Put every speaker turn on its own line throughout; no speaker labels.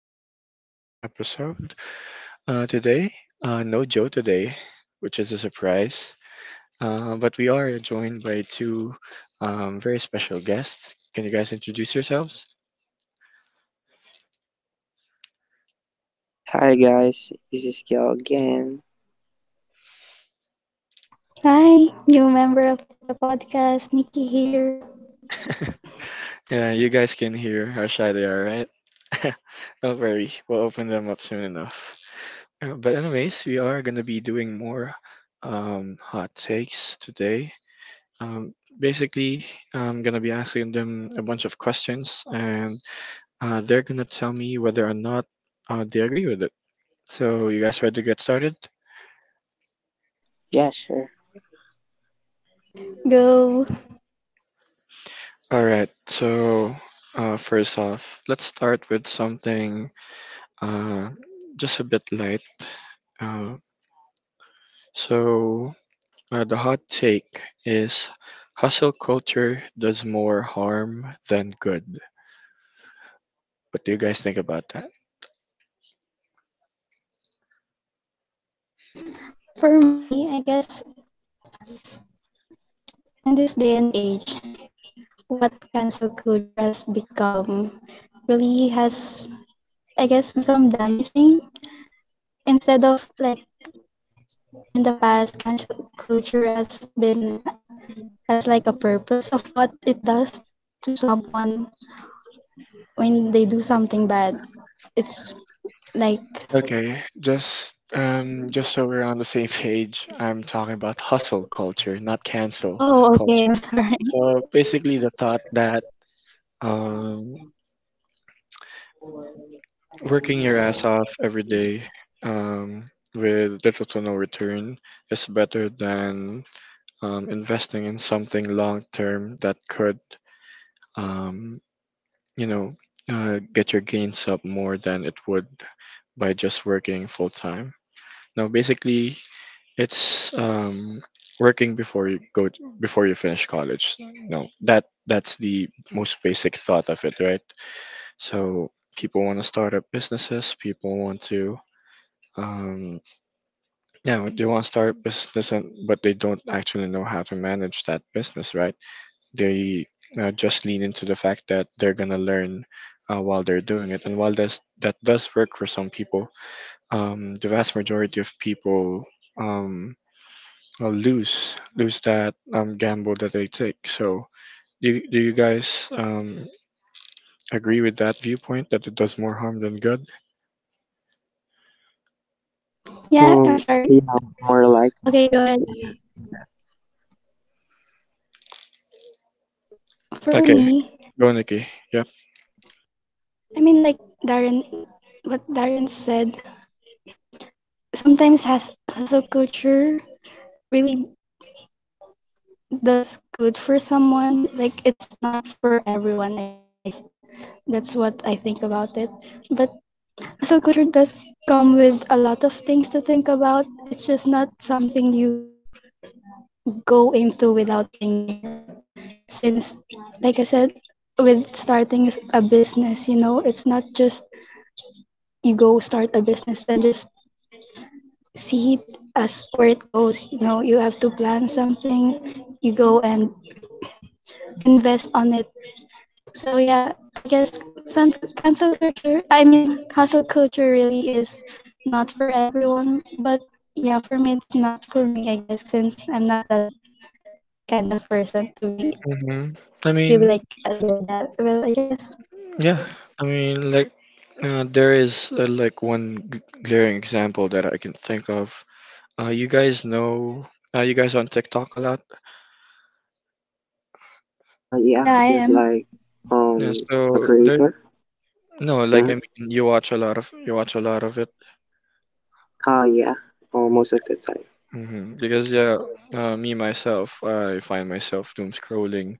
back again with another episode. Uh, today, no Joe today, which is a surprise. But we are joined by two very special guests. Can you guys introduce yourselves?
Hi guys, this is Gil again.
Hi, new member of the podcast, Nikki here.
Yeah, you guys can hear how shy they are, right? Don't worry, we'll open them up soon enough. But anyways, we are gonna be doing more hot takes today. Basically, I'm gonna be asking them a bunch of questions, and they're gonna tell me whether or not they agree with it. So, you guys ready to get started?
Yeah, sure.
Go.
All right. First off, let's start with something uh, just a bit light. Uh, so, the hot take is hustle culture does more harm than good. What do you guys think about that?
For me, I guess in this day and age, what cancel culture has become really has, I guess, become damaging. Instead of like in the past, cancel culture has been as like a purpose of what it does to someone when they do something bad. It's like,
Okay, just so we're on the same page, I'm talking about hustle culture, not cancel
oh, okay,
culture.
I'm sorry.
So basically, the thought that um, working your ass off every day with little to no return is better than investing in something long term that could, um, you know, get your gains up more than it would by just working full time. Now, basically, It's working before you before you finish college. No, that's the most basic thought of it, right? So people want to start up businesses. People want to um, yeah, they want to start up business, and, but they don't actually know how to manage that business, right? They just lean into the fact that they're gonna learn while they're doing it, and that does work for some people, the vast majority of people. Um, lose that gamble that they take. So do you guys agree with that viewpoint that it does more harm than good?
Yeah, I'm sorry.
Yeah, more
Okay,
likely
go ahead.
regards to that.
For
Okay,
me,
go Nikki. Yep.
like Darren, what Darren said, sometimes has hustle culture really does good for someone. Like it's not for everyone, I guess. That's what I think about it. But hustle culture does come with a lot of things to think about. It's just not something you go into without thinking, right? Since, like I said, with starting a business, you know, it's not just you go start a business and just see it as where it goes. You know, you have to plan something, you go and invest on it. So yeah, I guess some cancel culture. I mean, hustle culture really is not for everyone, but yeah, for me it's not for me. I guess since I'm not that kind of person to be
hmm I mean,
like a daredevil. I guess
yeah. I mean, like there is like one glaring example that I can think of. You guys know. You guys on TikTok a lot.
yeah,
Yeah,
I
it's
am.
like
Yeah,
being a
so there.
creator.
No, like
Mm-hmm.
I mean, you watch a lot of it.
Yeah, most of the time.
Because yeah, me myself, I find myself doom scrolling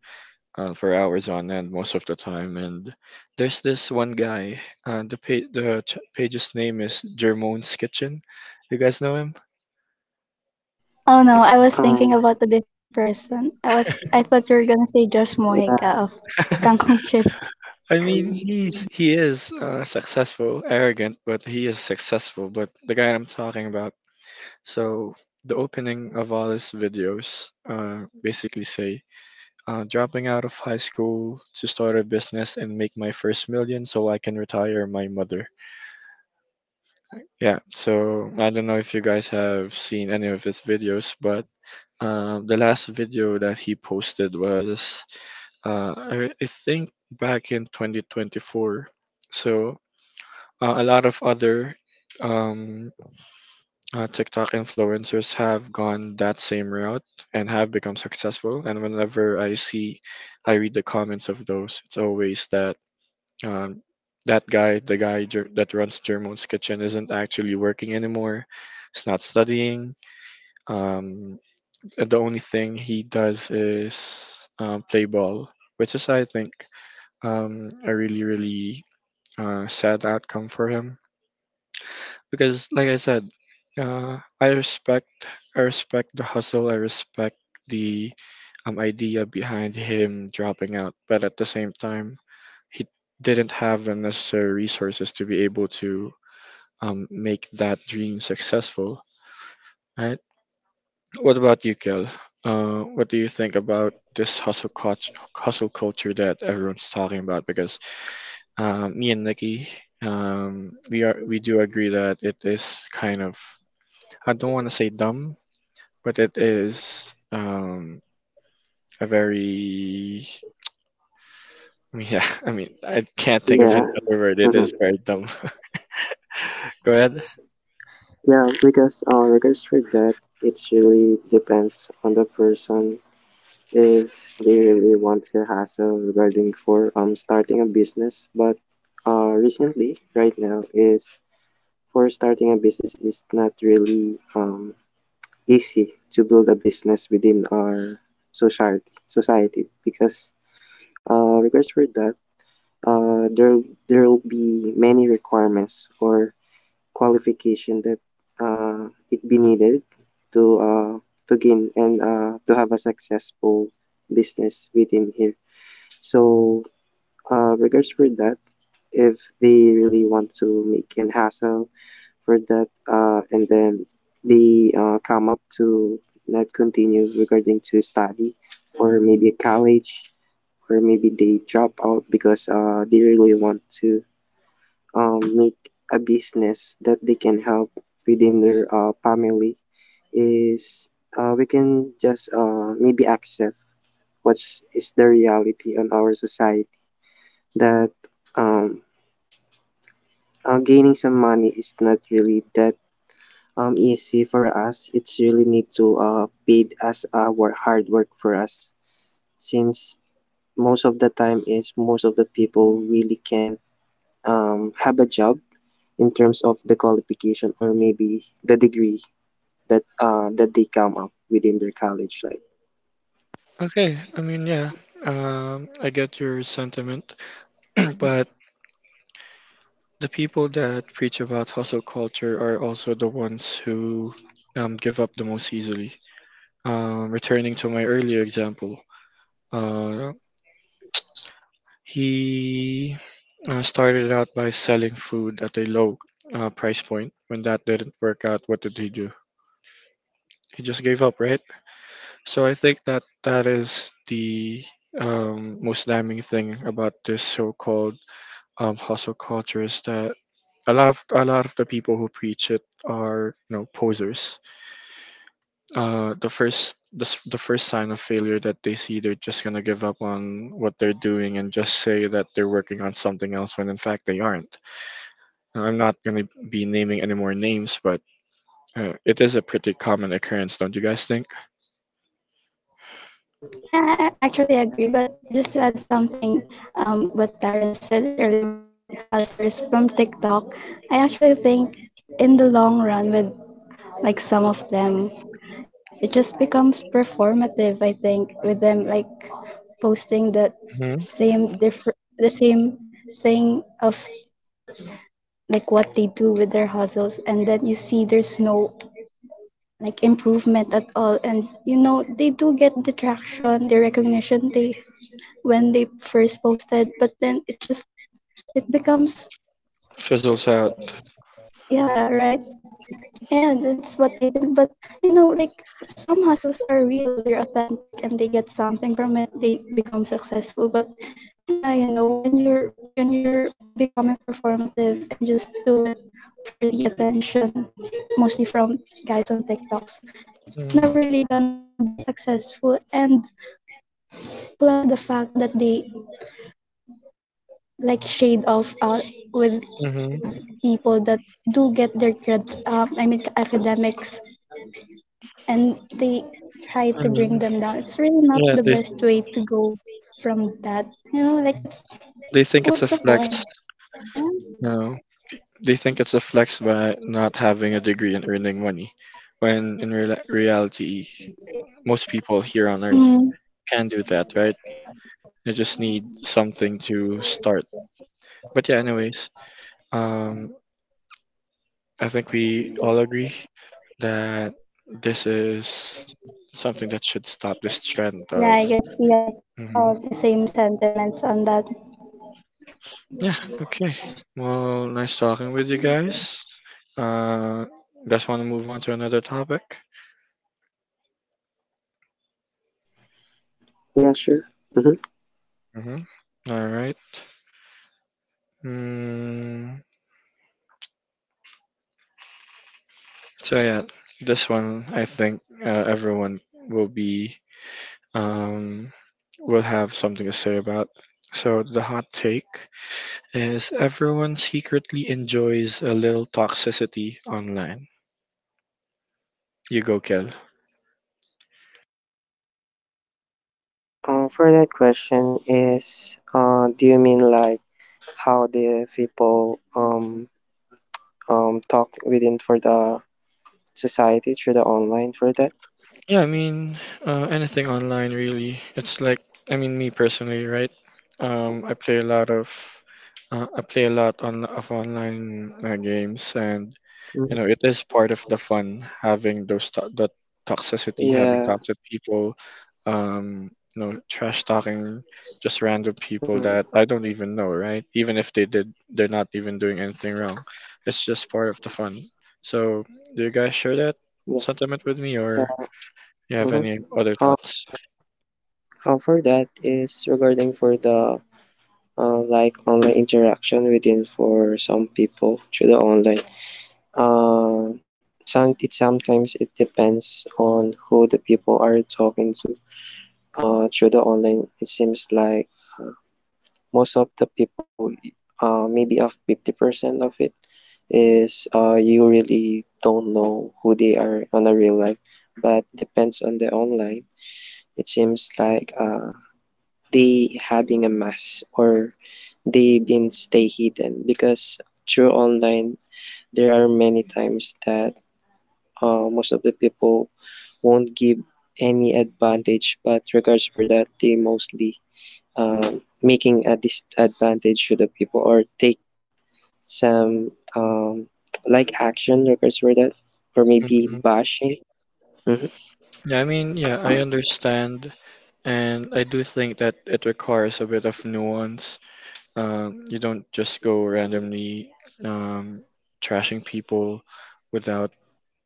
for hours on end most of the time. And there's this one guy. The pa- the ch- page's name is Jermone's Kitchen. You guys know him?
Oh no, I was thinking
Um,
about a different person. I thought you were gonna say Josh Mojica
yeah,
of Kangkong Chip.
I mean, he is successful, arrogant, but he is successful. But the guy I'm talking about. So the opening of all his videos basically say, dropping out of high school to start a business and make my first million so I can retire my mother. Yeah, so I don't know if you guys have seen any of his videos, but the last video that he posted was, I think, back in 2024. So a lot of other um, TikTok influencers have gone that same route and have become successful. And whenever I see, I read the comments of those, it's always that um, the guy that runs German's kitchen, isn't actually working anymore. He's not studying. Um, the only thing he does is play ball, which is, I think, a really, really sad outcome for him. Because, like I said, uh, I respect, I respect the hustle. I respect the idea behind him dropping out, but at the same time, he didn't have the necessary resources to be able to make that dream successful. Right? What about you, Kel? What do you think about this hustle culture that everyone's talking about? Because me and Nikki, um, we do agree that it is kind of I don't want to say dumb, but it is a very yeah. I mean, I can't think of any
yeah,
other word. It is
mm-hmm.
very dumb. Go ahead.
Yeah. Because regards for that, it really depends on the person if they really want to hassle regarding for starting a business, but recently right now is. For starting a business, it's not really easy to build a business within our society because regards for that, uh, there there will be many requirements or qualification that it be needed to uh, to gain and to have a successful business within here. So regards for that, if they really want to make an hassle for that and then they come up to not continue regarding to study for maybe a college or maybe they drop out because they really want to make a business that they can help within their family is we can just maybe accept what's is the reality on our society that um, gaining some money is not really that easy for us. It's really need to paid as our hard work for us since most of the time is most of the people really can't have a job in terms of the qualification or maybe the degree that they come up within their college life.
Okay, I mean, yeah, I get your sentiment, but the people that preach about hustle culture are also the ones who give up the most easily. Returning to my earlier example, uh, he started out by selling food at a low price point. When that didn't work out, what did he do? He just gave up, right? So I think that is the most damning thing about this so-called hustle cultures that a lot of the people who preach it are, you know, posers. The first sign of failure that they see, they're just gonna give up on what they're doing and just say that they're working on something else when in fact they aren't. Now, I'm not gonna be naming any more names, but it is a pretty common occurrence, don't you guys think?
Yeah, I actually agree. But just to add something, what Taryn said earlier with the hustlers from TikTok, I actually think in the long run, with like some of them, it just becomes performative. I think with them like posting
hmm
the same thing of like what they do with their hustles, and then you see there's no like improvement at all, and you know they do get the traction, the recognition they when they first posted, but then it just it becomes
Fizzles out.
yeah, right. And that's what I think. But you know, like some hustles are real, they're authentic, and they get something from it, they become successful. But yeah, you know, when you're becoming performative and just do it for the attention, mostly from guys on TikToks, it's never really gonna be successful. And plus the fact that they like shade off us with
Mm-hmm.
people that do get their I mean, academics, and they try
I
to bring
mean,
them down. It's really not
yeah,
the best way to go from that. You know, like it's
they think it's a
what's the
flex.
point? Yeah.
No. They think it's a flex by not having a degree and earning money, when in real reality, most people here on Earth
Mm,
can do that, right? They just need something to start. But yeah, anyways, um, I think we all agree that this is something that should stop this trend
yeah,
of.
I guess we have
Mhm.
all the same sentiments on that.
Yeah, okay. Well, nice talking with you guys. Uh, guys, want to move on to another topic?
Yeah, sure. Mm-hmm.
Mm-hmm. All right. Mm, so yeah, this one I think everyone will be um, will have something to say about. So the hot take is everyone secretly enjoys a little toxicity online. You go, Kel.
For that question is do you mean like how the people talk within for the society through the online for that?
Yeah, anything online really. It's like I mean me personally, right? Um, I play a lot of I play a lot on of online games and you know it
Mm.
is part of the fun having the toxicity, having
Yeah.
toxic people um you know, trash talking just random people
Mm,
that I don't even know, right? Even if they did, they're not even doing anything wrong. It's just part of the fun. So do you guys share that
yeah.
sentiment with me or
Yeah.
you have
Mm-hmm.
any other thoughts?
Um, for that is regarding for the like online interaction within for some people through the online. Uh, Sometimes it depends on who the people are talking to. Through the online, it seems like uh, most of the people, maybe of 50% of it is you really don't know who they are on a real life, but depends on the online. It seems like they having a mask or they been stay hidden because through online there are many times that most of the people won't give any advantage but regards for that they mostly uh, making a disadvantage to the people or take some like action regards for that or maybe
Mhm.
bashing. Mhm.
Yeah, I mean, yeah, I understand, and I do think that it requires a bit of nuance. You don't just go randomly um, trashing people without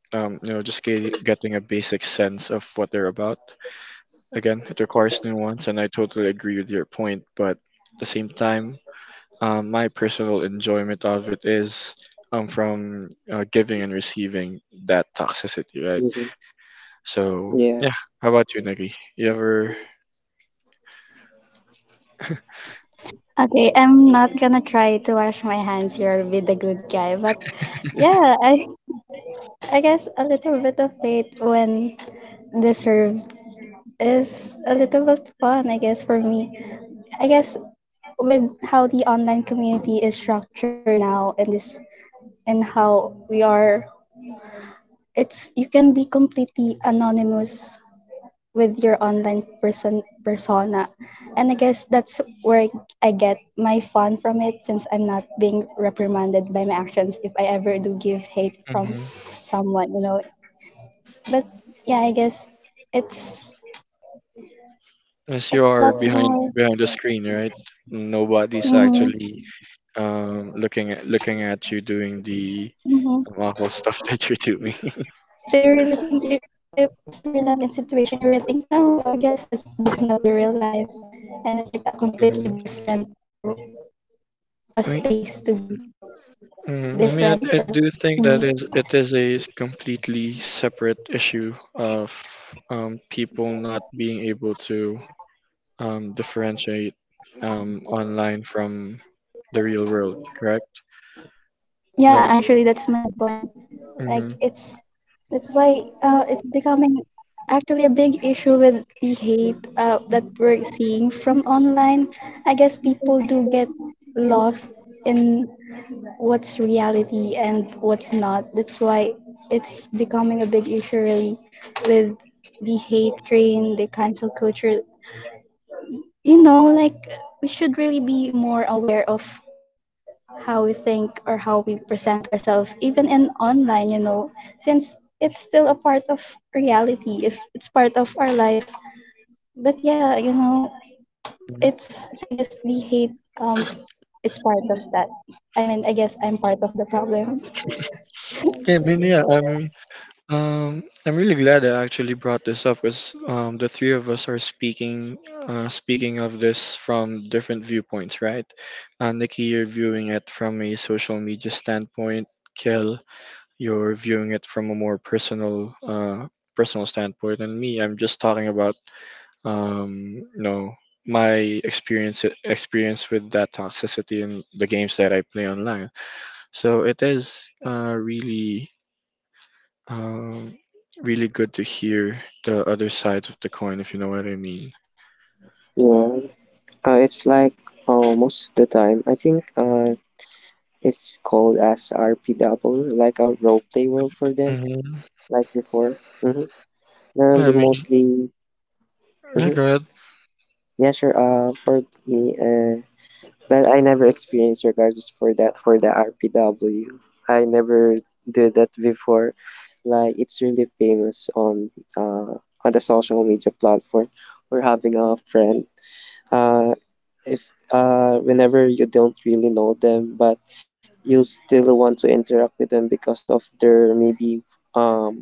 getting a basic sense of what they're about. Again, it requires nuance, and I totally agree with your point. But at the same time, my personal enjoyment of it is from giving and receiving that toxicity, right?
Mhm.
So
Yeah,
yeah, how about you, Nikki? You ever?
Okay, I'm not gonna try to wash my hands here with the good guy, but yeah, I guess a little bit of faith when deserved is a little bit fun, I guess, for me. I guess with how the online community is structured now, and this and how we are, it's you can be completely anonymous with your online persona, and I guess that's where I get my fun from it, since I'm not being reprimanded by my actions if I ever do give hate from
hmm
someone, you know. But yeah, I guess it's
As you
a
are
lot more.
behind the screen, right? Nobody's
Hmm.
actually looking at you doing the awful stuff that you're doing.
So you really think if, you're that in situation, you really think, no, I guess it's this not the real life, and it's like a completely
hmm
different or a
i mean
space to be
mhm, I mean, I
different or
do think that
Mm,
is it is a completely separate issue of people not being able to differentiate online from the real world, correct?
yeah.
No.
Actually, that's my point. Like
Mm-hmm.
it's that's why it's becoming actually a big issue with the hate that we're seeing from online. I guess people do get lost in what's reality and what's not. That's why it's becoming a big issue really with the hate train, the cancel culture. You know, like we should really be more aware of how we think or how we present ourselves, even in online, you know, since it's still a part of reality, if it's part of our life. But yeah, you know, it's I guess the hate um it's part of that. I mean, I guess I'm part of the problem.
Yeah, I mean, I'm really glad I actually brought this up because the three of us are speaking speaking of this from different viewpoints, right? Nikki, you're viewing it from a social media standpoint. Kel, you're viewing it from a more personal standpoint, and me, I'm just talking about you know, my experience with that toxicity and the games that I play online. So it is um, really good to hear the other sides of the coin, if you know what I mean.
yeah, it's like most of the time I think it's called as RPW, like a role play world for them,
Mm-hmm.
like before. Mm-hmm. Now
I
they
mean,
mostly.
yeah,
Mm-hmm.
go ahead.
Yeah, sure. For me, but I never experienced regardless for that for the RPW. I never did that before. Like it's really famous on the social media platform. We're having a friend. Uh, if whenever you don't really know them, but you still want to interact with them because of their maybe um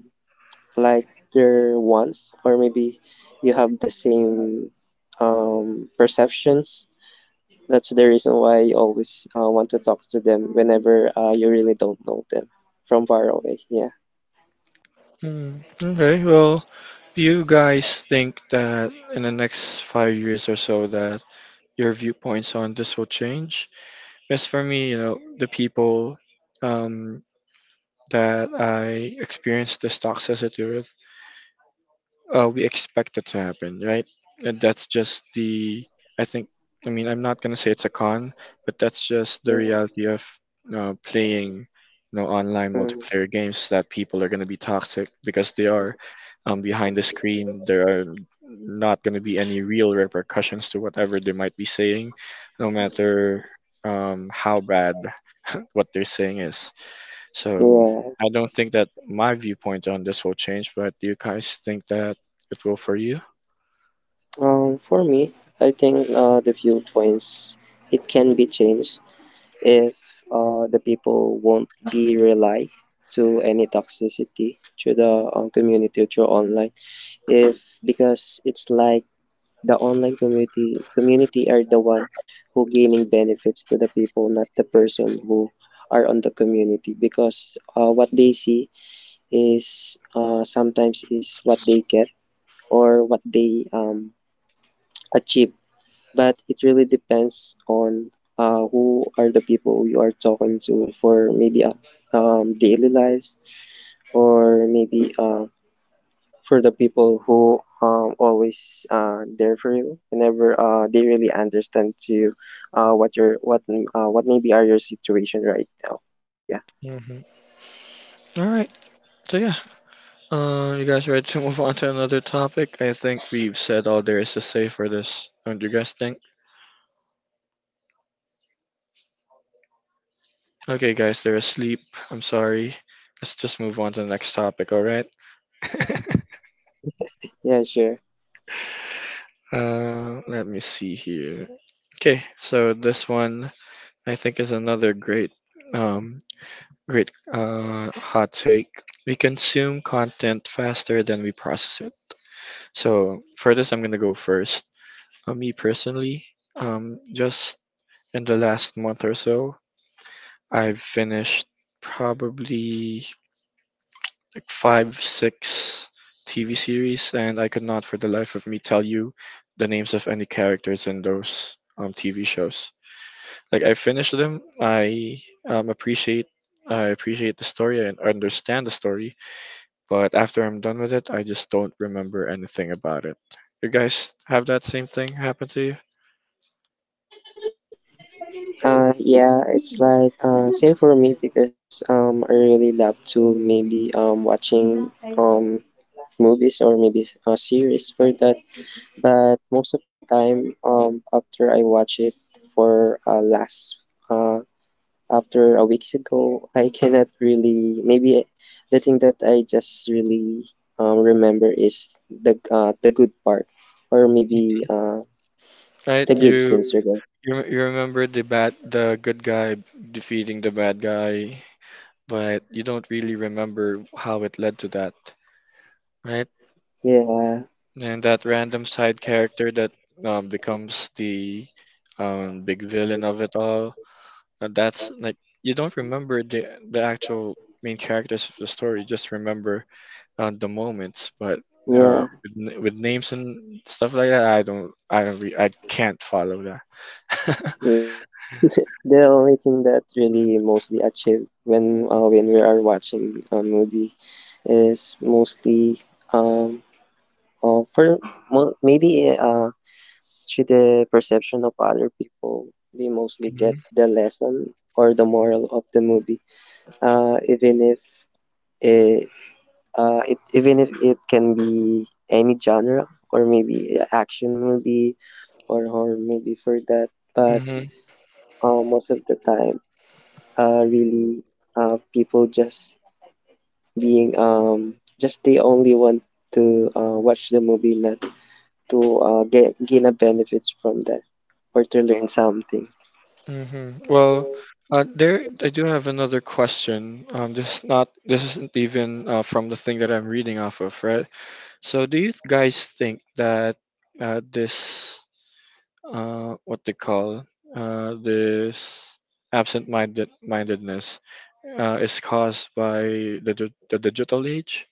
like their wants or maybe you have the same perceptions. That's the reason why you always want to talk to them whenever you really don't know them from far away. Yeah,
Mm, okay, well, do you guys think that in the next 5 years or so that your viewpoints on this will change? As for me, you know, the people um, that I experienced this toxicity with, we expect it to happen, right? And that's just the, I think, I mean, I'm not gonna say it's a con, but that's just the
yeah.
reality of playing, you know, online
Mm,
multiplayer games, that people are gonna be toxic because they are behind the screen. There are not gonna be any real repercussions to whatever they might be saying, no matter how bad what they're saying is. So
yeah.
I don't think that my viewpoint on this will change, but do you guys think that it will for you?
For me, I think the viewpoints it can be changed if the people won't be rely to any toxicity through the community through online. If because it's like the online community are the one who gaining benefits to the people, not the person who are on the community because what they see is sometimes is what they get or what they achieve. But it really depends on who are the people you are talking to for maybe daily lives or maybe for the people who always there for you whenever they really understand to you what maybe are your situation right now. Yeah.
Mm-hmm. All right. So yeah, you guys ready to move on to another topic? I think we've said all there is to say for this. Don't you guys think? Okay, guys, they're asleep. I'm sorry. Let's just move on to the next topic. All right.
Yeah, sure.
Let me see here. Okay, so this one I think is another great. Um, Great hot take. We consume content faster than we process it. So for this, I'm gonna go first. Me personally, just in the last month or so, I've finished probably like five, six TV series, and I could not for the life of me tell you the names of any characters in those TV shows. Like I finished them, um, appreciate I appreciate the story and understand the story, but after I'm done with it, I just don't remember anything about it. You guys have that same thing happen to you?
Yeah, it's like same for me because I really love to maybe watching movies or maybe a series for that. But most of the time, after I watch it for last uh, after a weeks ago, I cannot really maybe the thing that I just really remember is the good part or maybe
Right?
the good
You
scenes. Or good.
you, you remember the good guy defeating the bad guy, but you don't really remember how it led to that, right?
Yeah,
And that random side character that becomes the big villain of it all. And that's like you don't remember the actual main characters of the story. Just remember at the moment, but
yeah,
with names and stuff like that, I don't, re- I can't follow that.
yeah. The only thing that really mostly achieved when we are watching a movie is mostly um, for maybe to the perception of other people. They mostly get the lesson or the moral of the movie, even if it, it even if it can be any genre or maybe a action movie or horror movie for that. But
Mm-hmm.
most of the time, really, people just being just they only want to watch the movie, not to gain a benefits from that or to learn something?
Well, there I do have another question. This is not this isn't even from the thing that I'm reading off of, right? So, do you guys think that this what they call this absent-minded mindedness is caused by the digital age?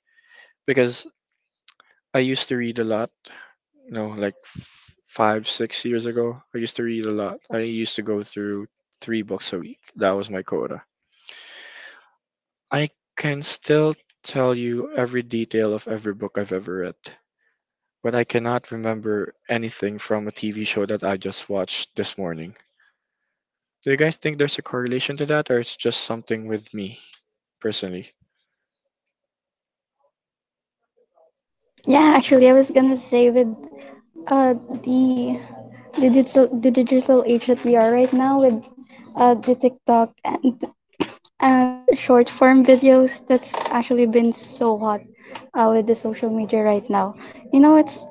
Because I used to read a lot, five, 6 years ago. I used to read a lot. I used to go through three books a week. That was my quota. I can still tell you every detail of every book I've ever read, but I cannot remember anything from a TV show that I just watched this morning. Do you guys think there's a correlation to that, or it's just something with me personally?
Yeah, actually, I was gonna say with uh the the digital age that we are right now with the TikTok and short form videos that's actually been so hot, with the social media right now. You know, it's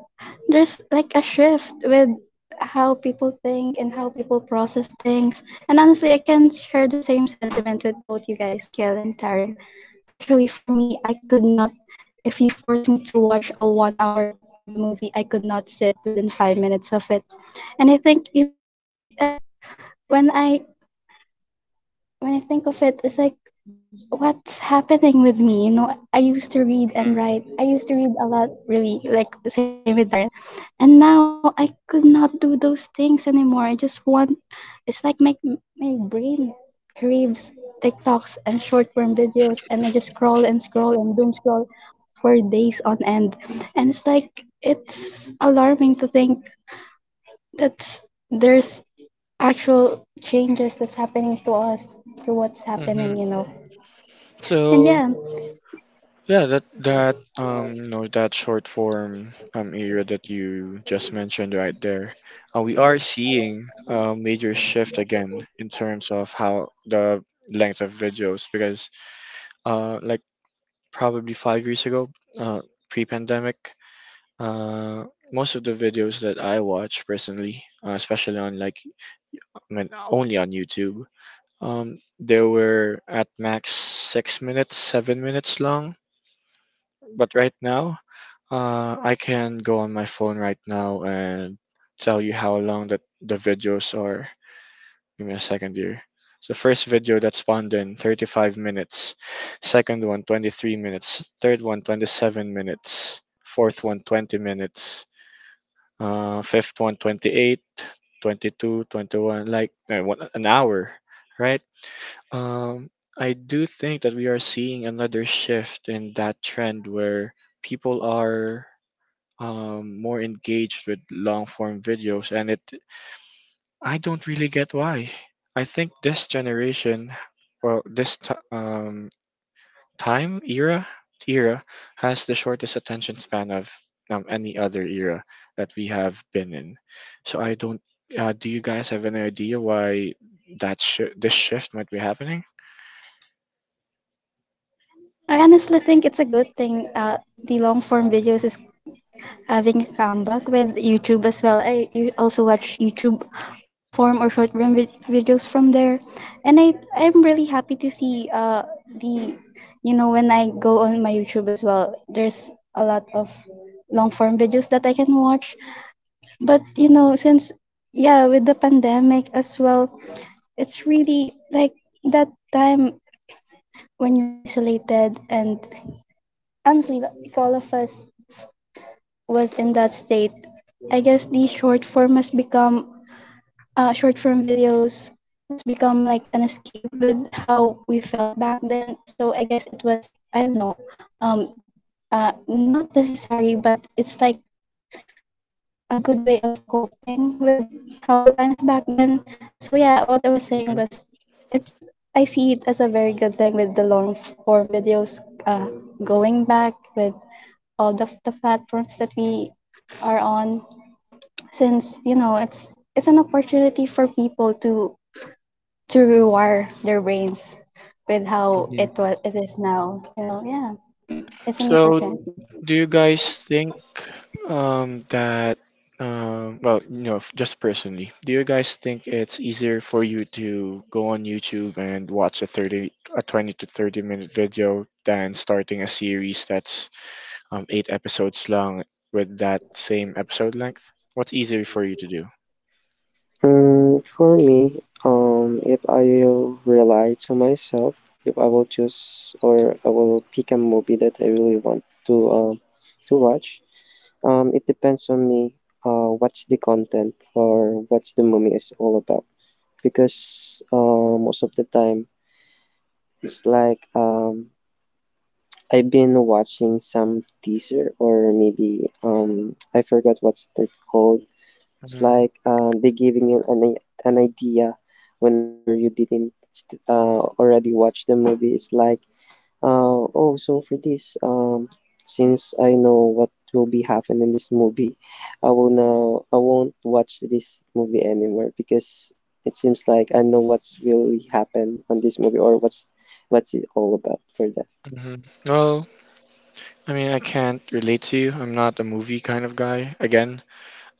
there's like a shift with how people think and how people process things. And honestly, I can share the same sentiment with both you guys, Gail and Taryn. Actually, for me, I could not. If you force me to watch a 1 hour movie, I could not sit within 5 minutes of it. And I think, you know, when I think of it, it's like, what's happening with me? You know, I used to read and write. I used to read a lot, really, like the same with Darren. And now I could not do those things anymore. I just want, it's like my, my brain craves TikToks and short form videos, and I just scroll and scroll and doom scroll for days on end. And it's like, it's alarming to think that there's actual changes that's happening to us through what's happening,
Mm-hmm.
you know. And
So
yeah,
Yeah, that that that short form area that you just mentioned right there, we are seeing a major shift again in terms of how the length of videos because like probably 5 years ago, pre-pandemic, uh most of the videos that I watch personally, especially on like I mean only on YouTube, they were at max 6 minutes, 7 minutes long. But right now, I can go on my phone right now and tell you how long that the videos are. Give me a second here. So first video that spawned in 35 minutes, second one, 23 minutes, third one, 27 minutes, fourth one, 20 minutes, fifth one 28, 22, 21. Like, one, an hour, right? Um, I do think that we are seeing another shift in that trend where people are more engaged with long form videos, and it I don't really get why. I think this generation, well, this t- time era has the shortest attention span of any other era that we have been in. So I don't. Do you guys have any idea why this shift might be happening?
I honestly think it's a good thing, the long form videos is having a comeback with YouTube as well. I you also watch YouTube long form or short form videos from there, and I'm really happy to see the you know when I go on my YouTube as well, there's a lot of long form videos that I can watch. But you know since yeah with the pandemic as well, it's really like that time when you're isolated and honestly, like all of us was in that state. I guess the short form has become short form videos has become like an escape with how we felt back then. So I guess it was I don't know, um, not necessary, but it's like a good way of coping with how the times back then. So yeah, what I was saying was, it's I see it as a very good thing with the long form videos uh, going back with all the platforms that we are on, since you know it's an opportunity for people to rewire their brains with how
Mhm.
it was it is now, you know. Yeah, it's an
So,
opportunity.
do you guys think that, well, just personally, do you guys think it's easier for you to go on YouTube and watch a 20 to 30 minute video than starting a series that's eight episodes long with that same episode length? What's easier for you to
Mm, for me, if I will rely to myself, if I will choose or I will pick a movie that I really want to watch, it depends on me. What's the content or what's the movie is all about? Because most of the time, it's like I've been watching some teaser or maybe I forgot what's that called. It's
do?
like they giving you an idea whenever you didn't st- already watch the movie. It's like oh, so for this since I know what will be happening in this movie, I will now I won't watch this movie anymore because it seems like I know what's really happen on this movie or what's it all about for that.
hmm Well, I mean, I can't relate to you. I'm not a movie kind of guy. Again,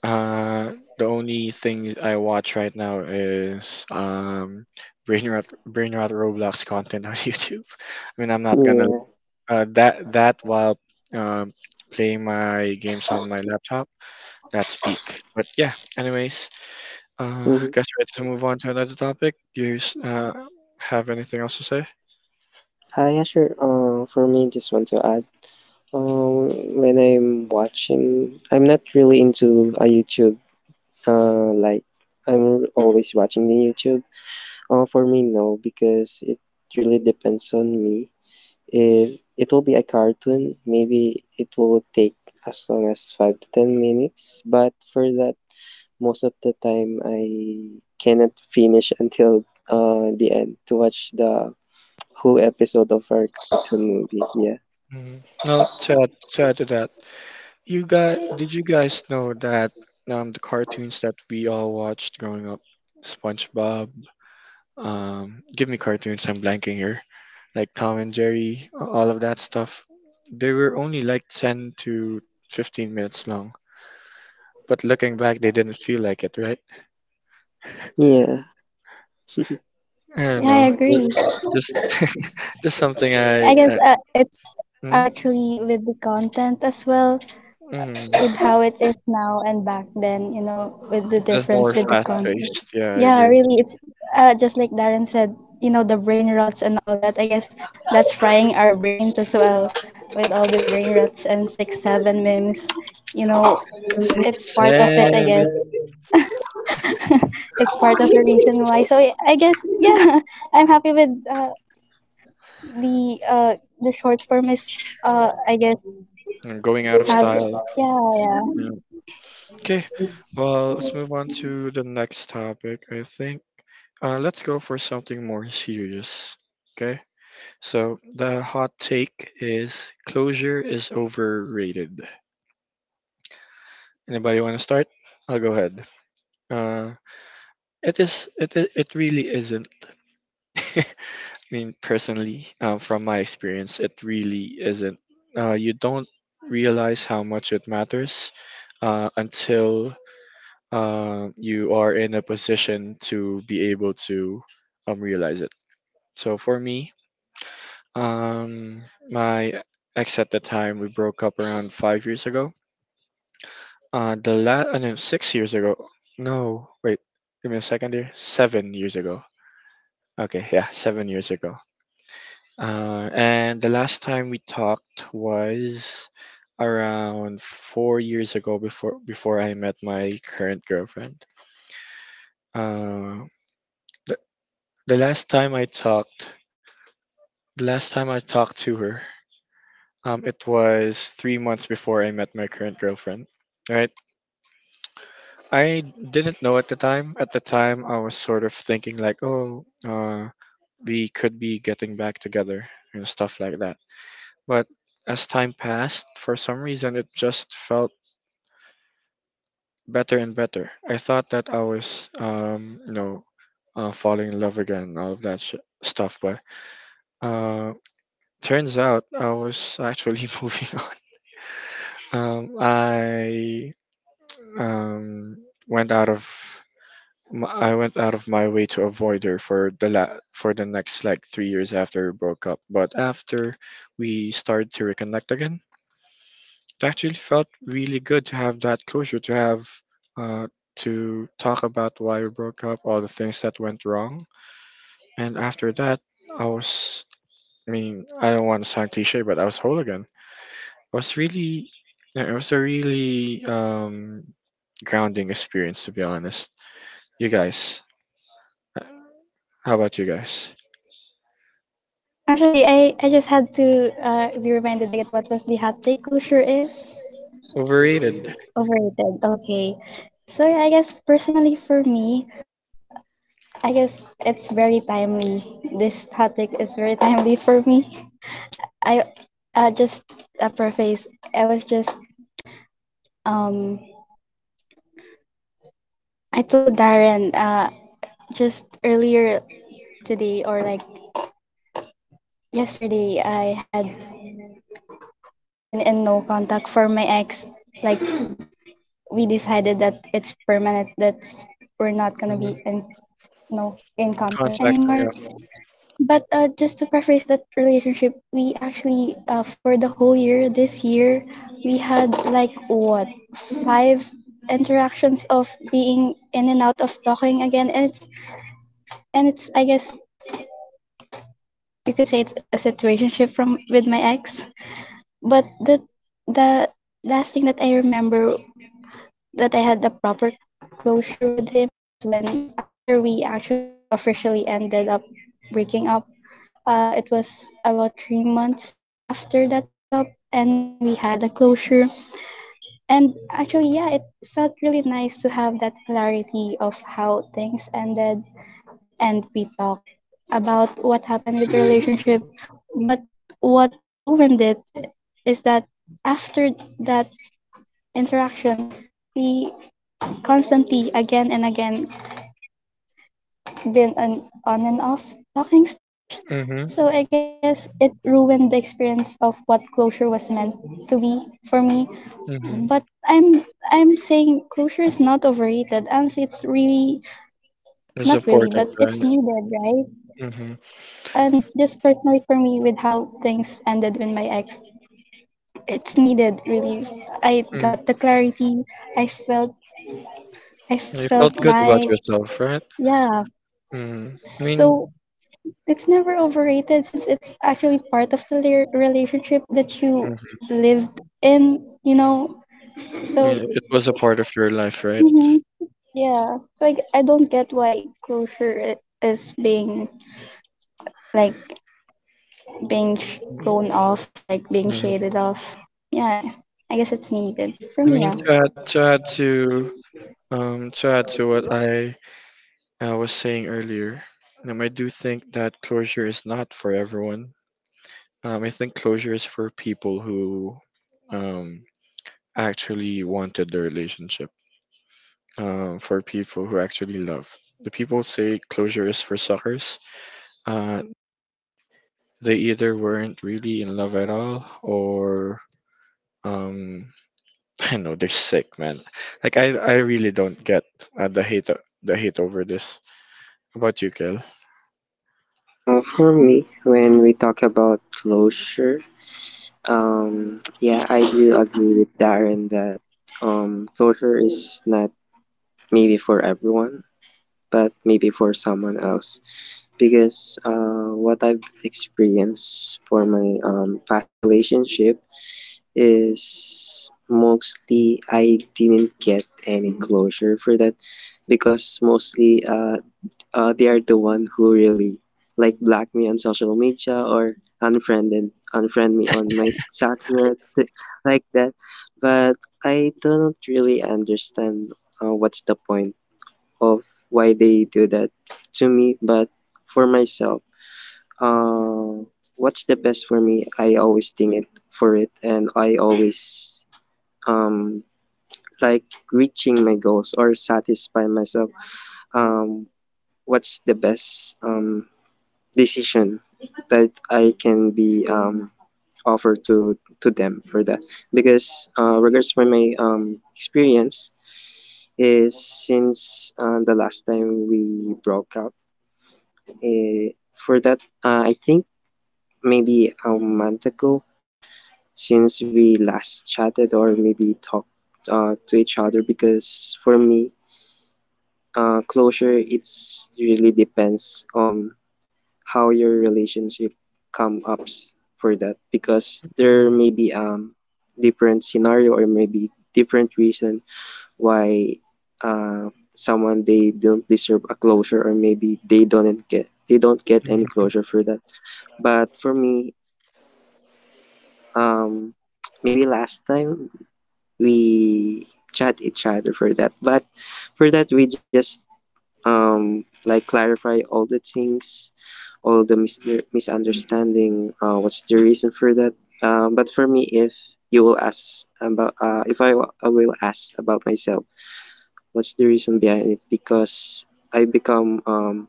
the only thing I watch right now is Brainrot Roblox content on YouTube. I mean, I'm not gonna
Yeah.
that that while um, playing my games on my laptop. That's peak. But yeah. Anyways,
hmm
guess we're ready to move on to another topic. Have anything else to say?
Yeah, sure. For me, just want to add. Uh, when I'm watching, I'm not really into a YouTube. Like I'm always watching the YouTube. For me, no, because it really depends on me. If it will be a cartoon, maybe it will take as long as 5 to 10 minutes. But for that, most of the time, I cannot finish until the end to watch the whole episode of our cartoon movie. Yeah,
Mm-hmm. Well, to add, to add to that, you guys, did you guys know that the cartoons that we all watched growing up, SpongeBob, give me cartoons, I'm blanking here, like Tom and Jerry, all of that stuff, they were only like 10 to 15 minutes long. But looking back, they didn't feel like it, right?
yeah.
I don't
Yeah, I
know.
agree.
Just, just something I,
I guess it's
mm,
actually with the content as well,
mm,
with how it is now and back then, you know, with the
just
difference
more
with the
fast
content.
paced. Yeah, I
Yeah,
agree.
really, it's just like Darren said, you know, the brain rots and all that. I guess that's frying our brains as well with all the brain rots and six, seven memes. You know, it's
Six,
part of it, I guess.
seven,
It's part of the reason why. So I guess, yeah, I'm happy with the uh, the short form is, I guess,
Going out of
have yeah,
style.
yeah.
Yeah. Okay, well, let's move on to the next topic, I think. Let's go for something more serious. Okay, so the hot take is closure is overrated. Anybody want to start? I'll go ahead. Uh, it is. It really isn't. I mean, personally, from my experience, it really isn't. You don't realize how much it matters until you are in a position to be able to realize it. So for me, um, my ex at the time we broke up around 5 years ago. The last, I know, 6 years ago. No, wait, give me a second here. 7 years ago. Okay, yeah, 7 years ago. And the last time we talked was around 4 years ago before I met my current girlfriend. Uh, The last time I talked, the last time I talked to her, it was 3 months before I met my current girlfriend. Right, I didn't know at the time. At the time, I was sort of thinking like, oh, we could be getting back together and stuff like that. But as time passed, for some reason, it just felt better and better. I thought that I was, falling in love again, all of stuff. But uh, turns out I was actually moving. Um, I um went out of I went out of my way to avoid her for for the next like 3 years after we broke up. But after we started to reconnect again, it actually felt really good to have that closure, uh to talk about why we broke up, all the things that went wrong, and after that, I was. I mean, I don't want to sound cliche, but I was whole again. I was really, yeah, it was a really grounding experience, to be honest. You guys, how about you guys?
I'm sorry, I just had to be reminded again what was the hot take closure is.
Overrated.
Overrated, okay. So yeah, I guess personally for me, I guess it's very timely. This hot take is very timely for me. I Just a preface, I was just, um, I told Darren just earlier today or like yesterday, I had been in no contact for my ex, like we decided that it's permanent, that we're not gonna be
hmm
in no in contact
Contact.
anymore.
Yeah.
But just to preface that relationship, we actually for the whole year this year we had like what five interactions of being in and out of talking again, and it's I guess you could say it's a situationship from with my ex. But the last thing that I remember that I had the proper closure with him was when after we actually officially ended up breaking up. It was about 3 months after that breakup, and we had a closure. And actually, yeah, it felt really nice to have that clarity of how things ended, and we talked about what happened with the
Mm-hmm.
relationship. But what ruined it is that after that interaction, we constantly again and again been an on and off talking stage.
Mm-hmm.
So I guess it ruined the experience of what closure was meant to be for me.
Mm-hmm.
But I'm saying closure is not overrated. Honestly, it's really
It's
not really,
important,
but it's
right?
needed, right?
Mm-hmm.
And just personally for me, with how things ended with my ex, it's needed really. I
Mm.
got the clarity. I felt I
You felt
felt
good about
like
yourself, right?
yeah.
Mm-hmm. I mean.
So it's never overrated since it's actually part of the relationship that you
Mm-hmm.
lived in, you know?
I
So,
mean, it was a part of your life, right?
mhm. Yeah. So I don't get why closure is being, like, being
hmm
thrown off, or like, being shaded off. Yeah. I guess it's needed for
I
me,
mean,
yeah.
to add to what I was saying earlier, I do think that closure is not for everyone. I think closure is for people who um actually wanted the relationship. For people who actually love. The people say closure is for suckers. Uh, they either weren't really in love at all, or um I know they're sick, man. I really don't get the hate, the hate over this. How about you, Kel?
For me, when we talk about closure, yeah, I do agree with Darren that closure is not maybe for everyone, but maybe for someone else. Because what I've experienced for my past relationship is mostly I didn't get any closure for that because mostly they are the one who really like block me on social media or unfriend me on my subnet like that. But I don't really understand what's the point of why they do that to me. But for myself, uh, what's the best for me, I always think it for it, and I always um, like reaching my goals or satisfy myself. um, what's the best decision that I can be offered to them for that. Because regards for my experience is since the last time we broke up eh, for that I think maybe a month ago since we last chatted or maybe talked to each other. Because for me, closure, it's really depends on how your relationship come ups for that because there
Mhm.
may be different scenario or maybe different reason why someone they don't deserve a closure or maybe they don't get any
Mhm.
closure for that. But for me, um maybe last time we chat each other for that, but for that we just like clarify all the things, all the misunderstanding. What's the reason for that? But for me, if you will ask about, if I, I will ask about myself, what's the reason behind it? Because I become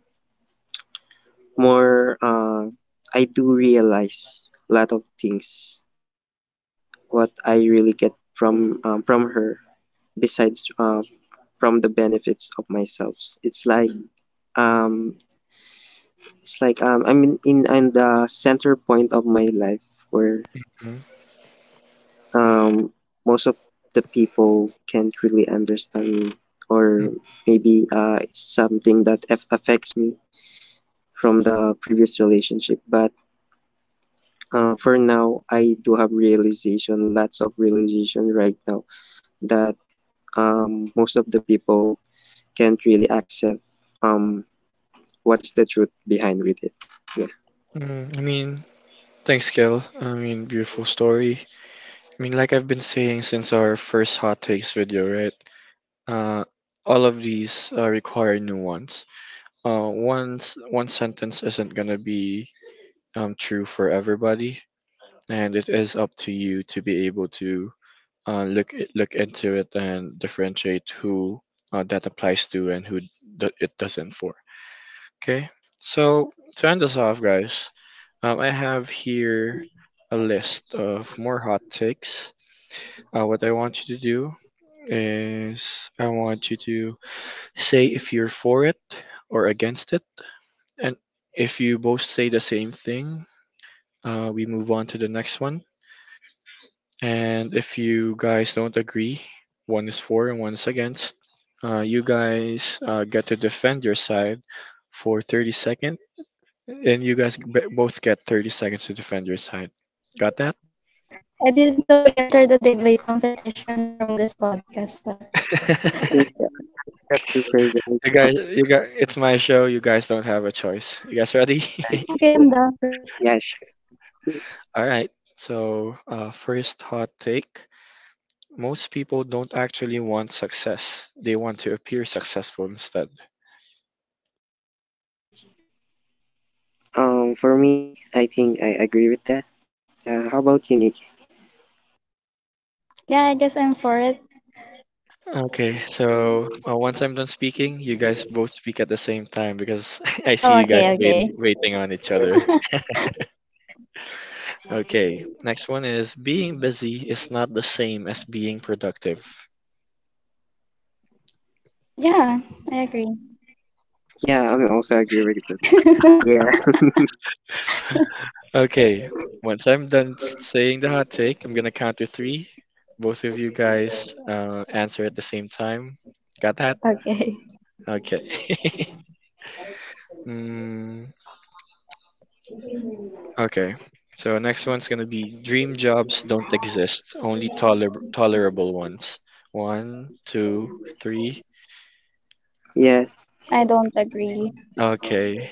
more, uh, I do realize a lot of things what I really get from her besides from the benefits of myself. It's like um, it's like I'm in the center point of my life where
Mhm.
um, most of the people can't really understand me, or
Mm.
maybe it's something that affects me from the previous relationship. But for now, I do have realization, lots of realization right now that most of the people can't really accept um, what's the truth behind with it. Yeah.
Mm. I mean, thanks, Kel. I mean, beautiful story. I mean, like I've been saying since our first hot takes video, right? Uh, all of these require nuance. Once one sentence isn't gonna be true for everybody, and it is up to you to be able to look into it and differentiate who that applies to and it doesn't for. Okay, so to end this off, guys, I have here a list of more hot takes. What I want you to do is I want you to say if you're for it or against it, and if you both say the same thing, we move on to the next one. And if you guys don't agree, one is for and one is against, you guys get to defend your side for 30 seconds, and you guys both get 30 seconds to defend your side. Got that?
I didn't know we entered a debate competition from this podcast, well.
Okay, I'm not that prepared right now.
You guys, it's my show. You guys don't have a choice. You guys ready?
Okay,
Okay, I'm
so
down for it.
yeah, sure.
All right. So, first hot take. Most people don't actually want success, they want to appear successful instead.
For me, I think I agree with that. How about you, Nick?
Yeah, I guess I'm for it.
Okay, so once I'm done speaking, you guys both speak at the same time because I see
Oh,
you guys
okay, okay.
I
waiting on
guess,
each other. Okay, next one is being busy is not the same as being productive.
Yeah, I agree.
yeah, I mean, also agree with it. Yeah,
Okay, once I'm done saying the hot take, I'm gonna count to three. Both of you guys answer at the same time. Got that?
Okay.
Okay. mm, okay. So next one's gonna be dream jobs don't exist, only tolerable ones. One, two, three.
yes.
I don't agree.
Okay.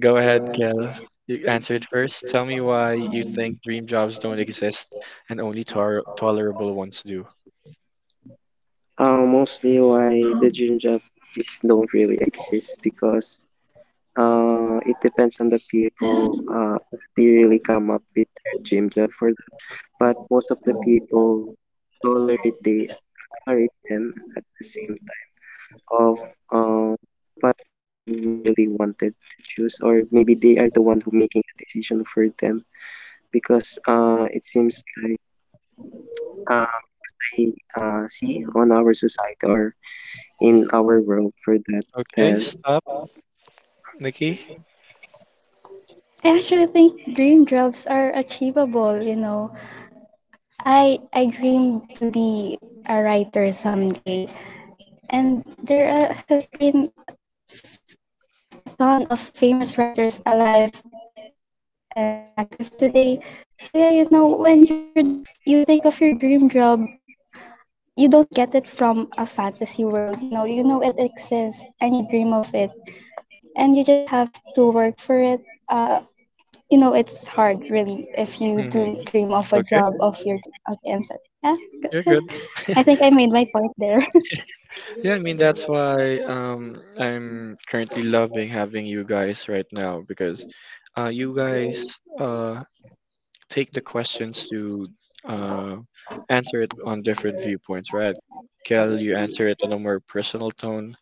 Go ahead, Kel. You answer it first. Tell me why you think dream jobs don't exist and only tolerable ones do.
Mostly why the dream job is don't really exist because it depends on the people if they really come up with their dream job for that. But most of the people tolerate they tolerate them at the same time. Of what they really wanted to choose or maybe they are the one who making a decision for them because it seems like as I see on our society or in our world for that
Okay,
that
stop, Nikki.
I actually think dream jobs are achievable, you know. I dream to be a writer someday. And there has been a ton of famous writers alive and active today. So yeah, you know, when you think of your dream job, you don't get it from a fantasy world, you know. You know it exists and you dream of it, and you just have to work for it. Uh, You know, it's hard, really, if you do
Mhm.
dream of a
Okay,
job of your. Okay, I'm sorry. Yeah, go
you're
ahead.
good.
I think I made my point there.
Yeah, I mean that's why I'm currently loving having you guys right now because you guys uh take the questions to uh answer it on different viewpoints, right? Kel, you answer it on a more personal tone,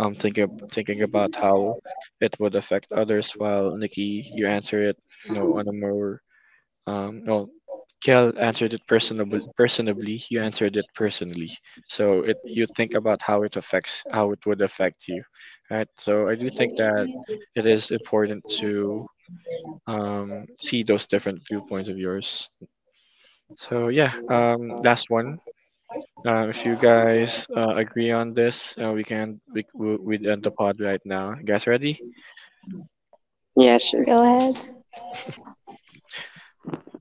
thinking about how it would affect others while Nikki, you answer it, on a more. Well, Kel answered it personably. You answered it personally. So it You think about how it affects how it would affect you, right? So I do think that it is important to see those different viewpoints of yours. So yeah, last one. If you guys agree on this, we can we- we'd end the pod right now. You guys ready?
Yeah, sure.
Go ahead.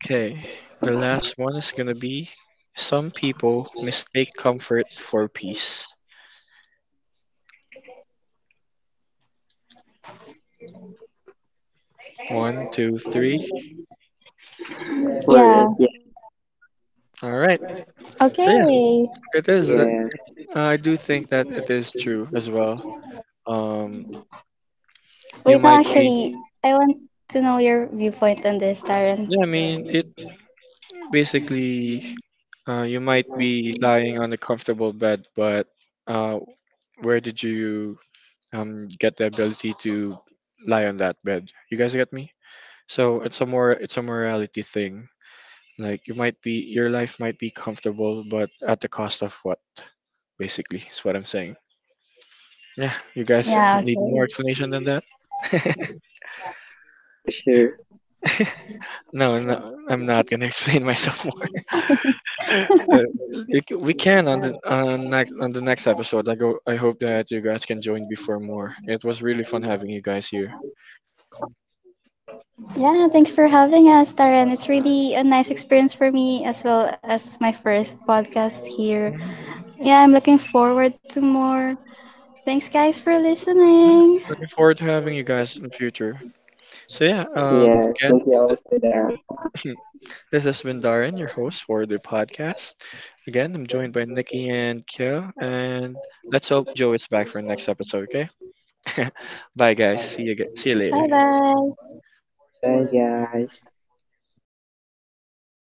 Okay. The last one is gonna be some people mistake comfort for peace. One, two, three.
For it,
Yeah.
yeah.
All right. So yeah,
Okay.
it is.
Yeah.
I do think that it is true as well. Um, you
Wait, no,
might be.
actually, I want to know your viewpoint on this, Taryn.
Yeah, I mean, it basically. You might be lying on a comfortable bed, but uh, where did you get the ability to lie on that bed? You guys get me? It's a morality thing. Like your life might be comfortable, but at the cost of what? Basically, is what I'm saying. Yeah, you guys
Yeah,
need more
okay.
explanation than that?
Yeah, sure.
No, no, I'm not gonna explain myself more. Uh, we can on the next episode. I go. I hope that you guys can join before more. It was really fun having you guys here.
Yeah, thanks for having us, Taryn. It's really a nice experience for me as well as my first podcast here.
Mhm.
Yeah, I'm looking forward to more. Thanks, guys, for listening.
Looking forward to having you guys in the future. So yeah,
Yeah,
again,
thank you also that.
this has been Darren, your host for the podcast. Again, I'm joined by Nikki and Kyo, and let's hope Joe is back for the next episode. Okay, bye guys. See you later.
Bye bye.
Bye guys.